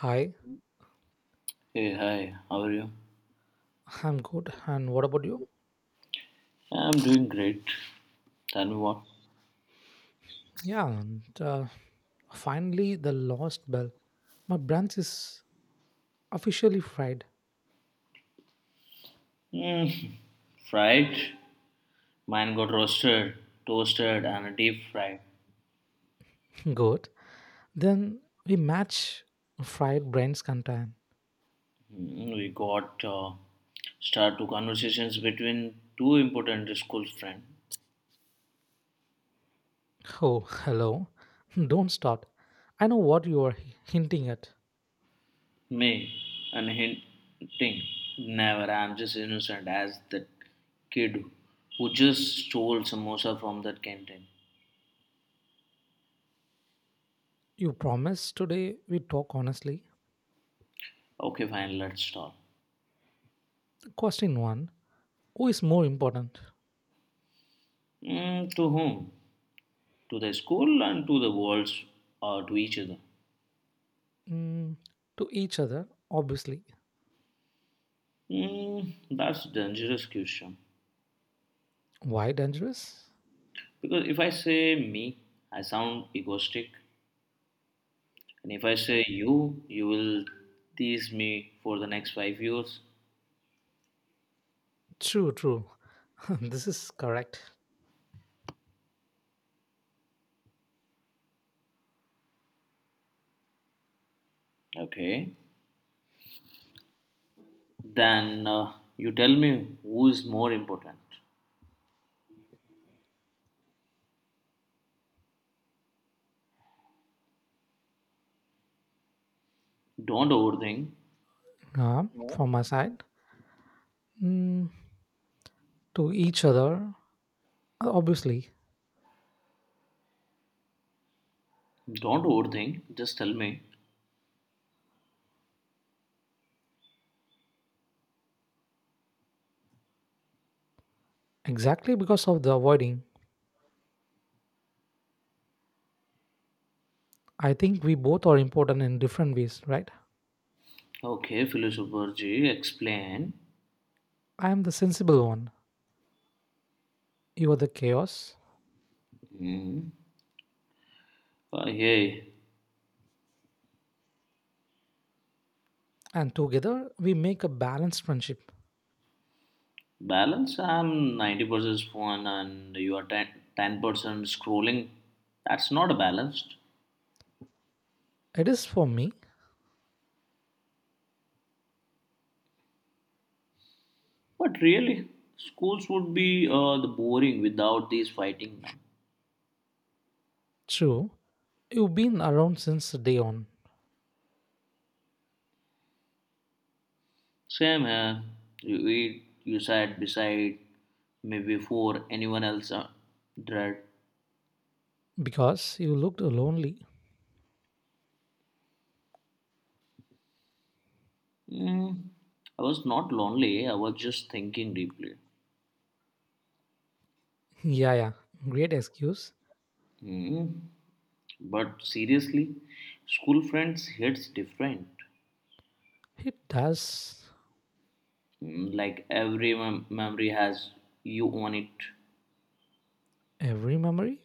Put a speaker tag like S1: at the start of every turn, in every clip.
S1: Hi,
S2: Hey, hi, how are you?
S1: I'm good. And what about you?
S2: I'm doing great. Tell me what?
S1: Yeah, finally, the lost bell. My branch is officially fried.
S2: Mm, fried. Mine got roasted, toasted, and deep fried.
S1: Good. Then we match fried brains content.
S2: We got start two conversations between two important school friends,
S1: Oh, hello. Don't start. I know what you are hinting at.
S2: me and hinting. Never, I'm just innocent as that kid who just stole samosa from that canteen.
S1: You promised today we talk honestly.
S2: Okay, fine, let's talk.
S1: Question one. Who is more important?
S2: To whom? To the school and to the worlds or to each other.
S1: Mm, to each other, obviously.
S2: That's dangerous question.
S1: Why dangerous?
S2: Because if I say me, I sound egoistic. And if I say you, you will tease me for the next 5 years.
S1: True, true. This is correct.
S2: Okay. Then you tell me who is more important. Don't overthink.
S1: From my side, mm, to each other, obviously,
S2: Don't overthink. Just tell me.
S1: exactly because of the avoiding, I think we both are important in different ways, right?
S2: Okay, philosopher G, explain.
S1: I am the sensible one, you are the chaos,
S2: Mm. Hey,
S1: and together we make a balanced friendship.
S2: balance. I'm 90% phone and you are 10% scrolling. That's not balanced.
S1: It is for me,
S2: But really, schools would be the boring without these fighting men.
S1: true. You've been around since day on
S2: Same here. You eat, you sat beside me before anyone else. Dread.
S1: because you looked lonely.
S2: Mm, I was not lonely. I was just thinking deeply.
S1: Yeah, yeah, great excuse.
S2: Mm. But seriously, school friends hits different.
S1: It does,
S2: Like every memory has you on it.
S1: every memory.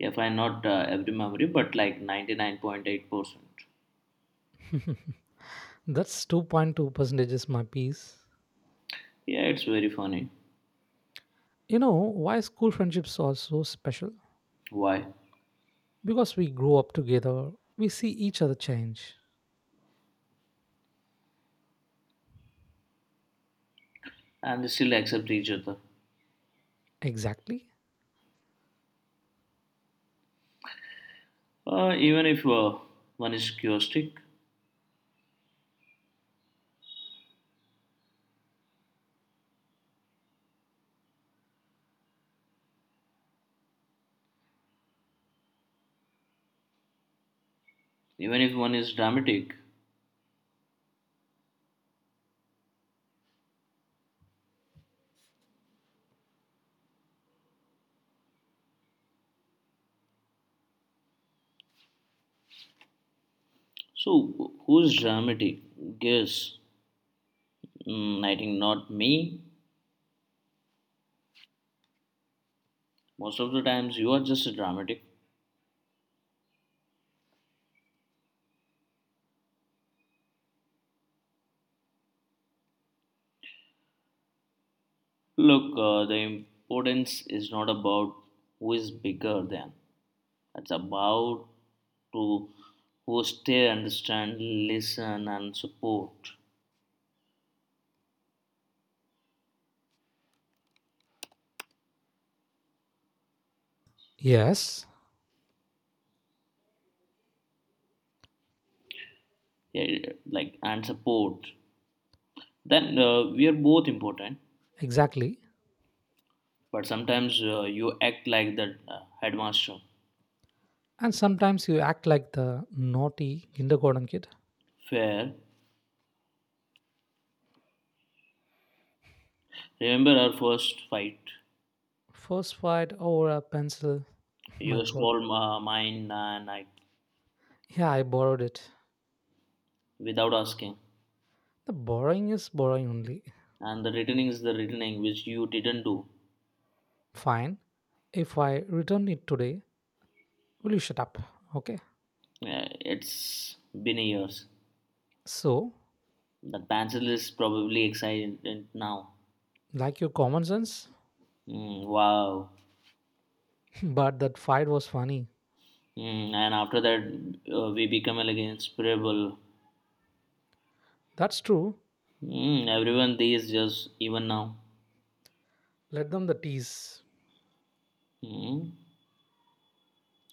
S2: If I not every memory, but like 99.8%.
S1: That's 2.2 percentages my piece.
S2: Yeah, it's very funny.
S1: You know why school friendships are so special?
S2: Why?
S1: Because we grow up together, we see each other change.
S2: And they still accept each other.
S1: Exactly.
S2: Even if one is chaotic, even if one is dramatic. So, who's dramatic? Guess. I think not me. Most of the times, you are just dramatic. Look, the importance is not about who is bigger than, it's about to who stay, understand, listen, and support.
S1: Yes,
S2: Yeah, like and support. Then we are both important.
S1: exactly.
S2: But sometimes you act like the headmaster.
S1: And sometimes you act like the naughty kindergarten kid.
S2: Fair. Remember our first fight?
S1: First fight over a pencil. My
S2: You
S1: god.
S2: stole mine and I,
S1: Yeah, I borrowed it.
S2: without asking.
S1: The borrowing is borrowing only.
S2: And the returning is the returning, which you didn't do.
S1: Fine. If I return it today, will you shut up? Okay.
S2: It's been years.
S1: So,
S2: That pencil is probably excited now.
S1: like your common sense,
S2: Mm, wow.
S1: but that fight was funny.
S2: And after that, we become like inseparable.
S1: That's true.
S2: Everyone these just even now.
S1: Let them the tease.
S2: Mm,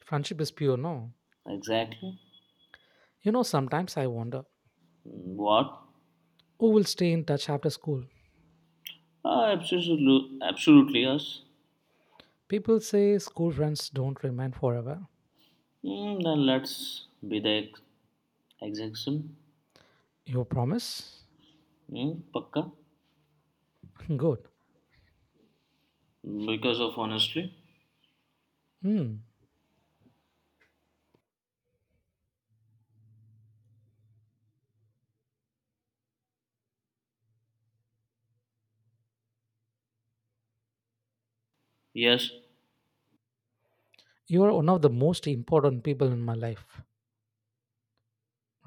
S1: Friendship is pure, no?
S2: exactly.
S1: You know, sometimes I wonder,
S2: What?
S1: who will stay in touch after school?
S2: Ah, absolutely, absolutely yes.
S1: People say school friends don't remain forever.
S2: Then let's be the exemption.
S1: Your promise?
S2: Mm, pakka.
S1: Good.
S2: Because of honestly.
S1: Hmm.
S2: Yes,
S1: You are one of the most important people in my life,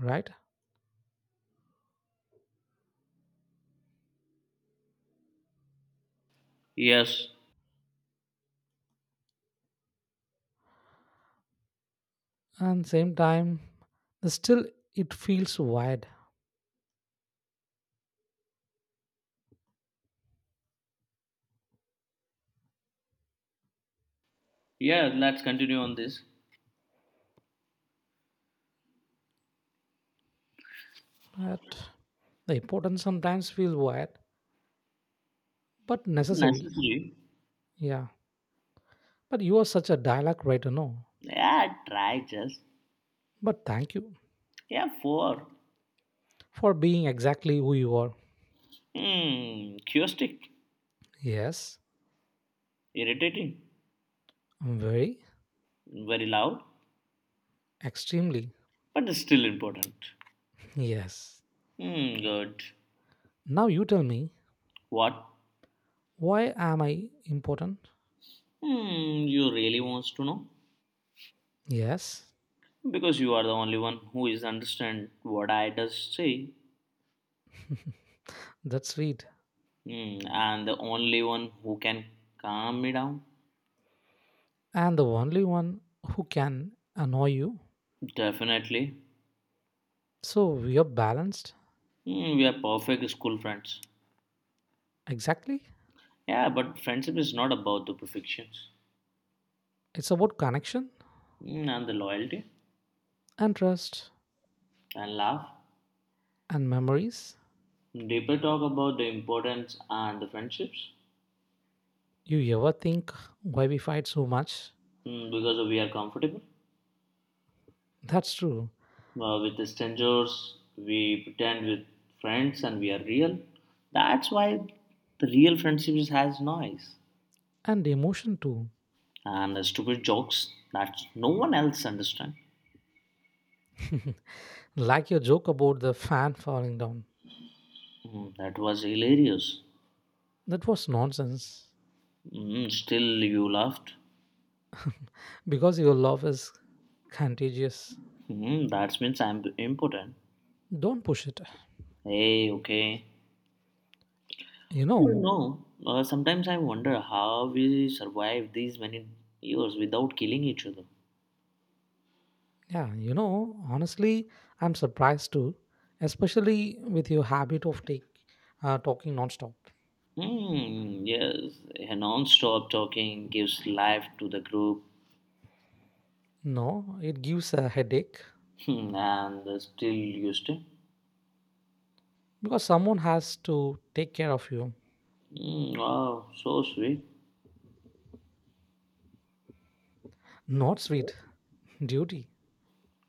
S1: right?
S2: yes.
S1: And same time, still it feels wide.
S2: Yeah, let's continue on this.
S1: But the importance sometimes feels wide, but necessary.
S2: Necessary.
S1: Yeah. But you are such a dialogue writer, no?
S2: Yeah, try just.
S1: But thank you
S2: Yeah, four.
S1: for being exactly who you are.
S2: Hmm, curiosity.
S1: Yes,
S2: Irritating.
S1: I'm very.
S2: Very loud,
S1: Extremely.
S2: but still important.
S1: Yes.
S2: Hmm, good.
S1: Now you tell me,
S2: What?
S1: why am I important?
S2: Hmm, you really wants to know?
S1: Yes.
S2: Because you are the only one who is understand what I does say.
S1: That's sweet.
S2: And the only one who can calm me down?
S1: And the only one who can annoy you.
S2: Definitely.
S1: So we are balanced.
S2: We are perfect school friends.
S1: Exactly.
S2: Yeah, but friendship is not about the perfections.
S1: It's about connection
S2: And the loyalty
S1: and trust
S2: and love.
S1: and memories.
S2: Deeper talk about the importance and the friendships.
S1: You ever think why we fight so much?
S2: Because we are comfortable
S1: That's true.
S2: with the strangers, we pretend with friends, and we are real. That's why the real has noise
S1: And emotion too.
S2: and the stupid jokes that no one else understands.
S1: Like your joke about the fan falling down.
S2: That was hilarious.
S1: That was nonsense.
S2: Still, you laughed.
S1: Because your love is contagious.
S2: That means I'm important.
S1: Don't push it.
S2: Hey, okay.
S1: You
S2: You
S1: know,
S2: know, uh, sometimes I wonder how we survive these many years without killing each other.
S1: yeah, you know, honestly, I'm surprised too, especially with your habit of talking nonstop.
S2: Yes, a non-stop talking gives life to the group.
S1: No, it gives a headache
S2: And still you stay.
S1: because someone has to take care of you.
S2: Hmm, wow, so sweet.
S1: Not sweet, duty.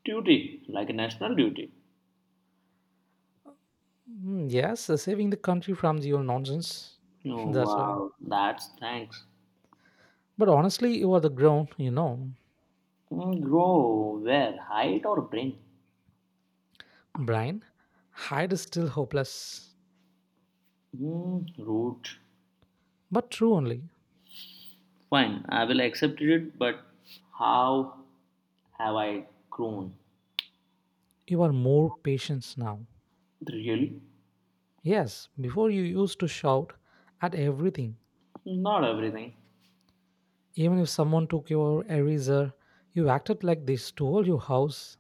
S2: Duty, like a national duty.
S1: Mm, yes, saving the country from your nonsense.
S2: Oh,
S1: That's why.
S2: wow, that's thanks.
S1: But honestly, you are the ground, you know.
S2: Grow where? Height or brain?
S1: Brian, hide is still hopeless,
S2: Mm, root.
S1: but true only.
S2: Fine, I will accept it, but how have I grown?
S1: You are more patient now.
S2: Really?
S1: Yes, before you used to shout at everything.
S2: Not everything.
S1: Even if someone took your eraser, you acted like they stole your house.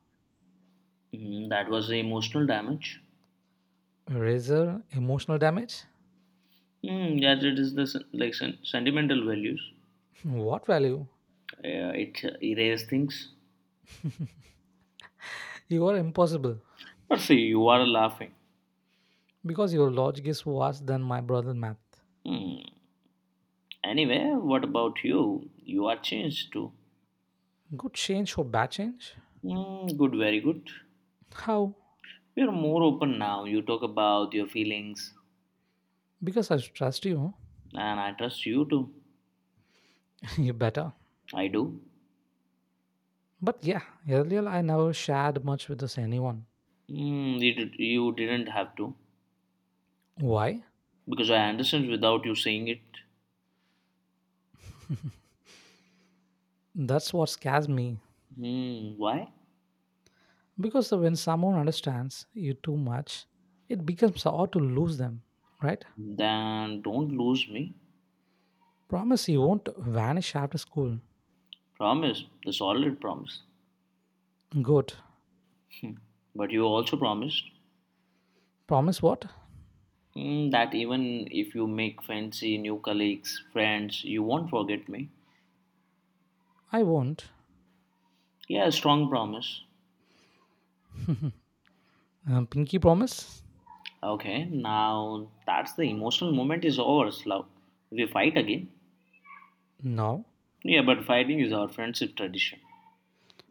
S2: That was the emotional damage.
S1: Eraser, emotional damage?
S2: Yes, it is the sentimental values.
S1: What value?
S2: Uh, it erase things.
S1: You are impossible
S2: But see, you are laughing.
S1: because your logic is worse than my brother math.
S2: Hmm. Anyway, what about you? You are changed too.
S1: Good change for bad change?
S2: Hmm. Good, very good.
S1: How?
S2: You are more open now. You talk about your feelings.
S1: Because I trust you.
S2: And I trust you too.
S1: You better.
S2: I do.
S1: But yeah, earlier I never shared much with this anyone.
S2: You didn't have to
S1: Why?
S2: because I understand without you saying it.
S1: That's what scares me.
S2: Hmm, why?
S1: Because when someone understands you too much, it becomes hard to lose them, right?
S2: Then don't lose me.
S1: Promise you won't vanish after school.
S2: Promise. The solid promise.
S1: Good.
S2: Hmm. But you also promised,
S1: Promise what?
S2: hmm, that even if you make fancy new colleagues, friends, you won't forget me.
S1: I won't.
S2: Yeah, strong promise.
S1: Pinky promise?
S2: Okay, now that's the emotional moment is over, Slav. We fight again.
S1: No.
S2: Yeah, but fighting is our friendship tradition.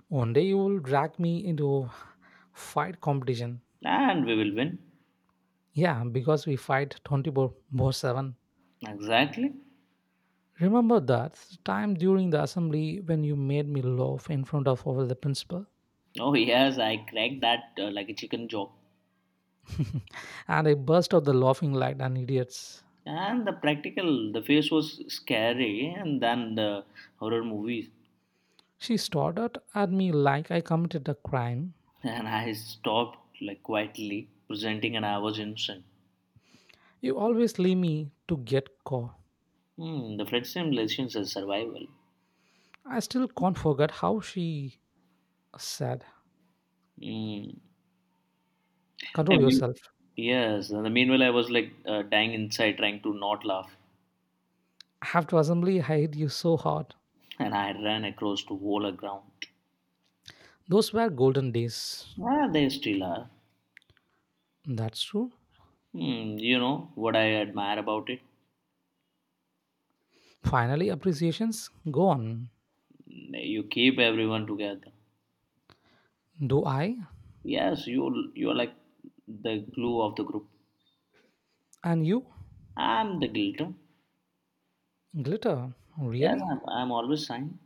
S1: One day you will drag me into fight competition.
S2: And we will win.
S1: Yeah, because we fight 24/7.
S2: Exactly.
S1: Remember that time during the assembly when you made me laugh in front of all the principal?
S2: Oh yes, I cracked that like a chicken joke.
S1: And I burst out the laughing like an idiot.
S2: And the practical, the face was scary, and then the horror movies.
S1: She stared out at me like I committed a crime.
S2: And I stopped like quietly presenting, and I was innocent.
S1: You always leave me to get caught.
S2: Hmm, the Fred simulations is survival.
S1: I still can't forget how she said,
S2: Hmm.
S1: control
S2: I mean,
S1: yourself.
S2: yes. And the meanwhile, I was like dying inside, trying to not laugh,
S1: After assembly, I hate you so hard.
S2: and I ran across to wall ground.
S1: Those were golden days.
S2: Ah, they still are.
S1: That's true.
S2: Hmm, you know what I admire about it?
S1: Finally, appreciations go on.
S2: You keep everyone together.
S1: Do I,
S2: Yes, you're like the glue of the group.
S1: and you
S2: I'm the glitter.
S1: glitter,
S2: Yes,
S1: really?
S2: I'm always shine.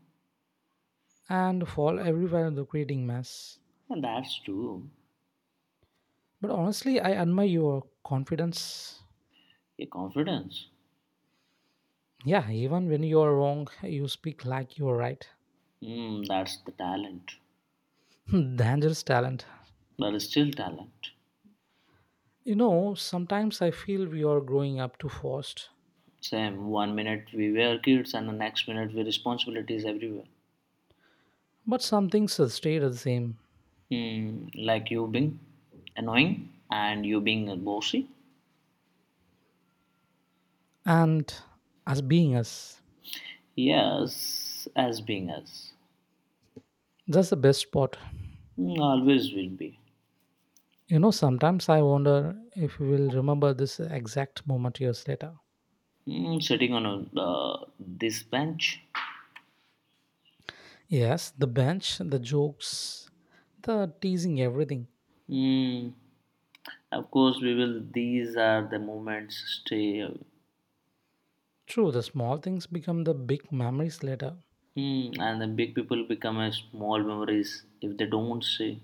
S1: And fall everywhere in the creating mess.
S2: And that's true.
S1: But honestly, I admire your confidence.
S2: Your confidence.
S1: Yeah, even when you are wrong, you speak like you are right.
S2: That's the talent.
S1: Dangerous talent.
S2: But it's still talent.
S1: You know, sometimes I feel we are growing up too fast,
S2: Same. One minute we were kids and the next minute we responsibilities everywhere.
S1: but some things have stayed the same.
S2: Like you being annoying and you being bossy.
S1: And as being us,
S2: Yes, as being us.
S1: that's the best part.
S2: Mm, always will be.
S1: You know, sometimes I wonder if we will remember this exact moment years later.
S2: Sitting on this bench.
S1: Yes, the bench, the jokes, the teasing, everything.
S2: Mm. Of course, we will. These are the moments stay.
S1: True, the small things become the big memories later.
S2: And the big people become as small memories if they don't say.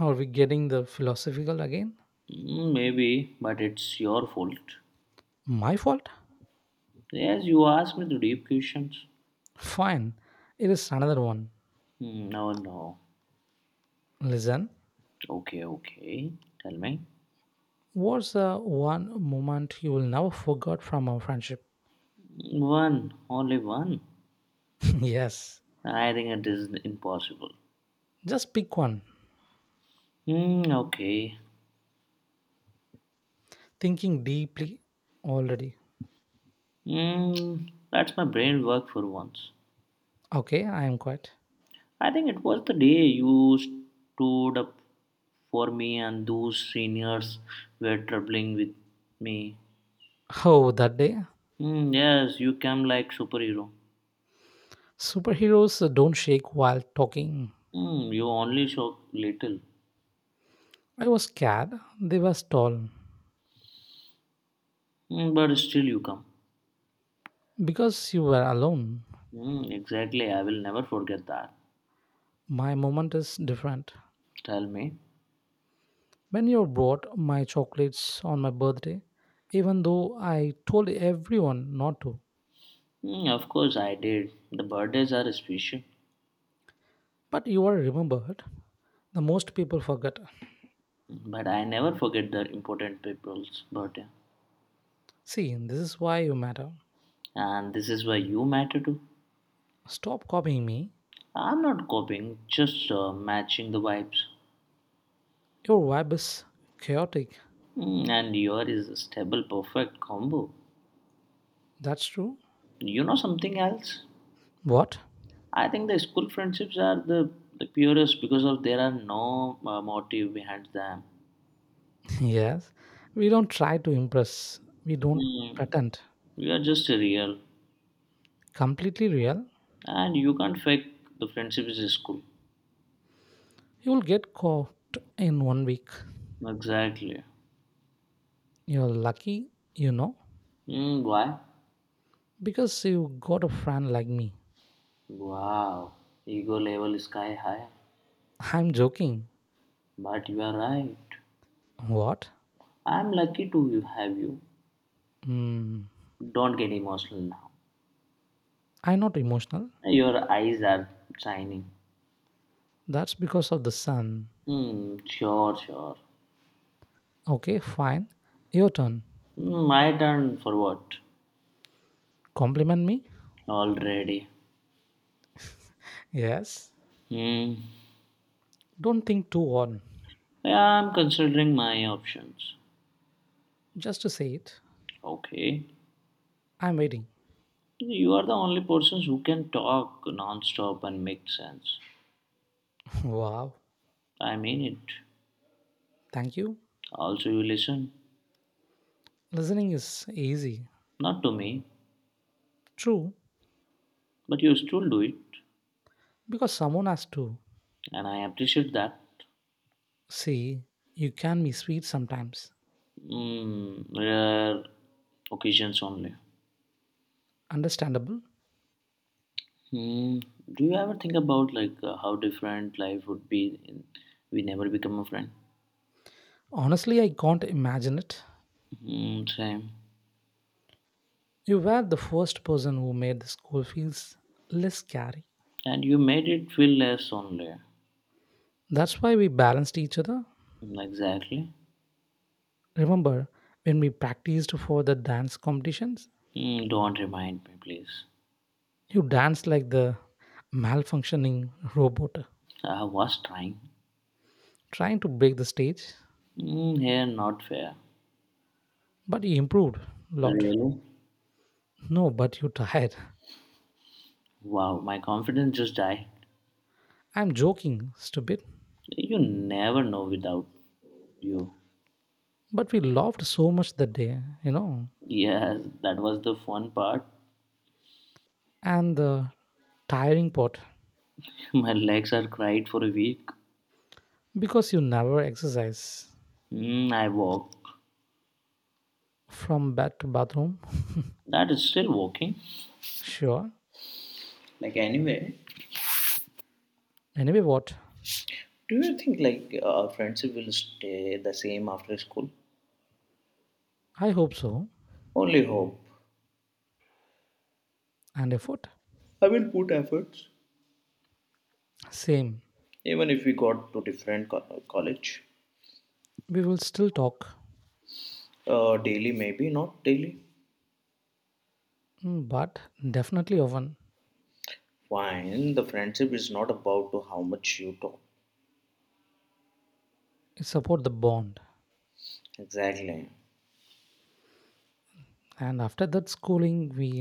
S1: Are we getting the philosophical again?
S2: Hmm, maybe, but it's your fault.
S1: My fault?
S2: Yes, you asked me the deep questions.
S1: Fine, it is another one.
S2: Hmm, no, no.
S1: Listen.
S2: Okay, okay. Tell me.
S1: What's the one moment you will never forget from our friendship?
S2: One, only one.
S1: Yes.
S2: I think it is impossible.
S1: Just pick one.
S2: Hmm, okay.
S1: Thinking deeply already.
S2: That's my brain work for once.
S1: Okay, I am quiet.
S2: I think it was the day you stood up for me and those seniors were troubling with me.
S1: Oh, that day.
S2: Yes, you came like superhero.
S1: Superheroes don't shake while talking.
S2: You only shock little.
S1: I was scared. They were tall.
S2: But still you come.
S1: Because you were alone.
S2: Exactly, I will never forget that.
S1: My moment is different.
S2: Tell me.
S1: When you brought my chocolates on my birthday, even though I told everyone not to,
S2: Of course I did. The birthdays are special,
S1: but you are remembered. The most people forget.
S2: but I never forget the important people's birthday.
S1: See, this is why you matter.
S2: And this is why you matter too.
S1: Stop copying me.
S2: I'm not copying, just matching the vibes.
S1: Your vibe is chaotic.
S2: And your is a stable, perfect combo.
S1: That's true.
S2: You know something else?
S1: What?
S2: I think the school friendships are the purest because of there are no motive behind them.
S1: Yes. We don't try to impress. We don't
S2: Mm,
S1: pretend.
S2: we are just real,
S1: Completely real.
S2: and you can't fake the friendships in school.
S1: You will get caught in one week.
S2: Exactly.
S1: You're lucky, you know,
S2: Mm, why?
S1: because you got a friend like me.
S2: Wow, ego level sky high.
S1: I'm joking.
S2: But you are right.
S1: What?
S2: I'm lucky to have you.
S1: Hmm.
S2: Don't get emotional now.
S1: I'm not emotional.
S2: Your eyes are shining.
S1: That's because of the sun.
S2: Hmm, sure, sure.
S1: Okay, fine. Your turn.
S2: My turn for what?
S1: Compliment me?
S2: Already.
S1: Yes.
S2: Hmm.
S1: Don't think too hard.
S2: Yeah, I'm considering my options.
S1: Just to say it,
S2: Okay.
S1: I'm waiting.
S2: You are the only persons who can talk non-stop and make sense.
S1: Wow,
S2: I mean it.
S1: thank you.
S2: Also, you listen.
S1: Listening is easy.
S2: Not to me,
S1: True,
S2: but you still do it,
S1: because someone has to.
S2: and I appreciate that.
S1: See, you can be sweet sometimes.
S2: Hmm. Rare occasions only.
S1: Understandable?
S2: Hmm. Do you ever think about like how different life would be in, we never become a friend?
S1: Honestly, I can't imagine it.
S2: Hmm. Same.
S1: You were the first person who made the school feels less scary.
S2: And you made it feel less lonely.
S1: That's why we balanced each other.
S2: Mm, Exactly.
S1: Remember when we practiced for the dance competitions?
S2: Don't remind me, please.
S1: You danced like the malfunctioning robot,
S2: I was trying.
S1: trying to break the stage,
S2: Mm, here, not fair.
S1: but you improved a lot.
S2: Really?
S1: No, but you tired.
S2: Wow, my confidence just died.
S1: I'm joking, stupid.
S2: You never know without you.
S1: But we laughed so much that day, you know.
S2: Yes, that was the fun part.
S1: And the tiring part,
S2: My legs are cried for a week.
S1: because you never exercise
S2: I walk.
S1: from bed to bathroom.
S2: That is still walking.
S1: Sure.
S2: Like anyway,
S1: Anyway, what?
S2: do you think like our friendship will stay the same after school?
S1: I hope so.
S2: Only hope.
S1: And effort?
S2: I will put efforts.
S1: Same.
S2: Even if we got to different college,
S1: We will still talk,
S2: daily maybe not daily.
S1: mm, but definitely often.
S2: Fine, the friendship is not about to how much you talk.
S1: It support the bond.
S2: Exactly.
S1: And after that schooling, we,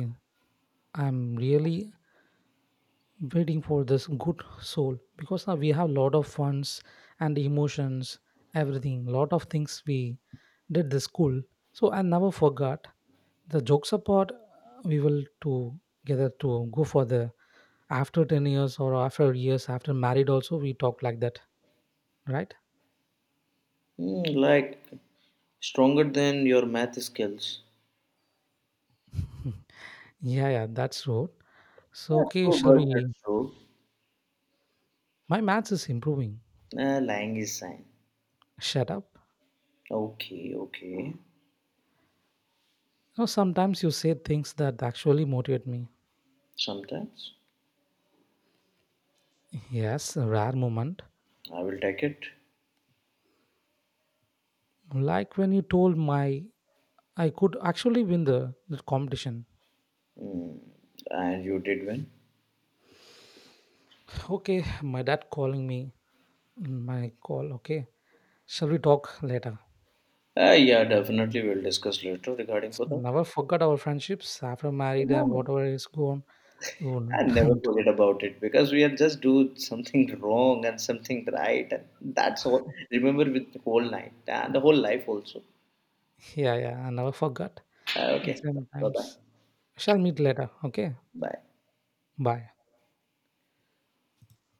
S1: I'm really waiting for this good soul because now we have lot of funds and emotions, everything, lot of things we did this school, so I never forgot the jokes apart, we will together to go for the after 10 years or after years after married also we talk like that, right?
S2: Hmm, like stronger than your math skills.
S1: Yeah, yeah, that's true. So
S2: Yeah,
S1: okay,
S2: true,
S1: shall
S2: but
S1: we,
S2: that's true.
S1: my maths is improving.
S2: Lying is sign.
S1: Shut up.
S2: Okay, okay.
S1: You know, sometimes you say things that actually motivate me.
S2: Sometimes.
S1: Yes, a rare moment.
S2: I will take it.
S1: Like when you told my I could actually win the competition.
S2: Hmm, and you did win.
S1: Okay, my dad calling me. My call, okay. Shall we talk later?
S2: Yeah, definitely we'll discuss later regarding for that.
S1: Never forgot our friendships after married
S2: Yeah,
S1: and whatever is gone. You
S2: I'll never
S1: won't-
S2: forget about it because we had just do something wrong and something right, and that's all. Remember with the whole night and the whole life also.
S1: Yeah, yeah, I never forgot.
S2: Okay, bye bye,
S1: Sometimes shall meet later. Okay,
S2: bye.
S1: bye.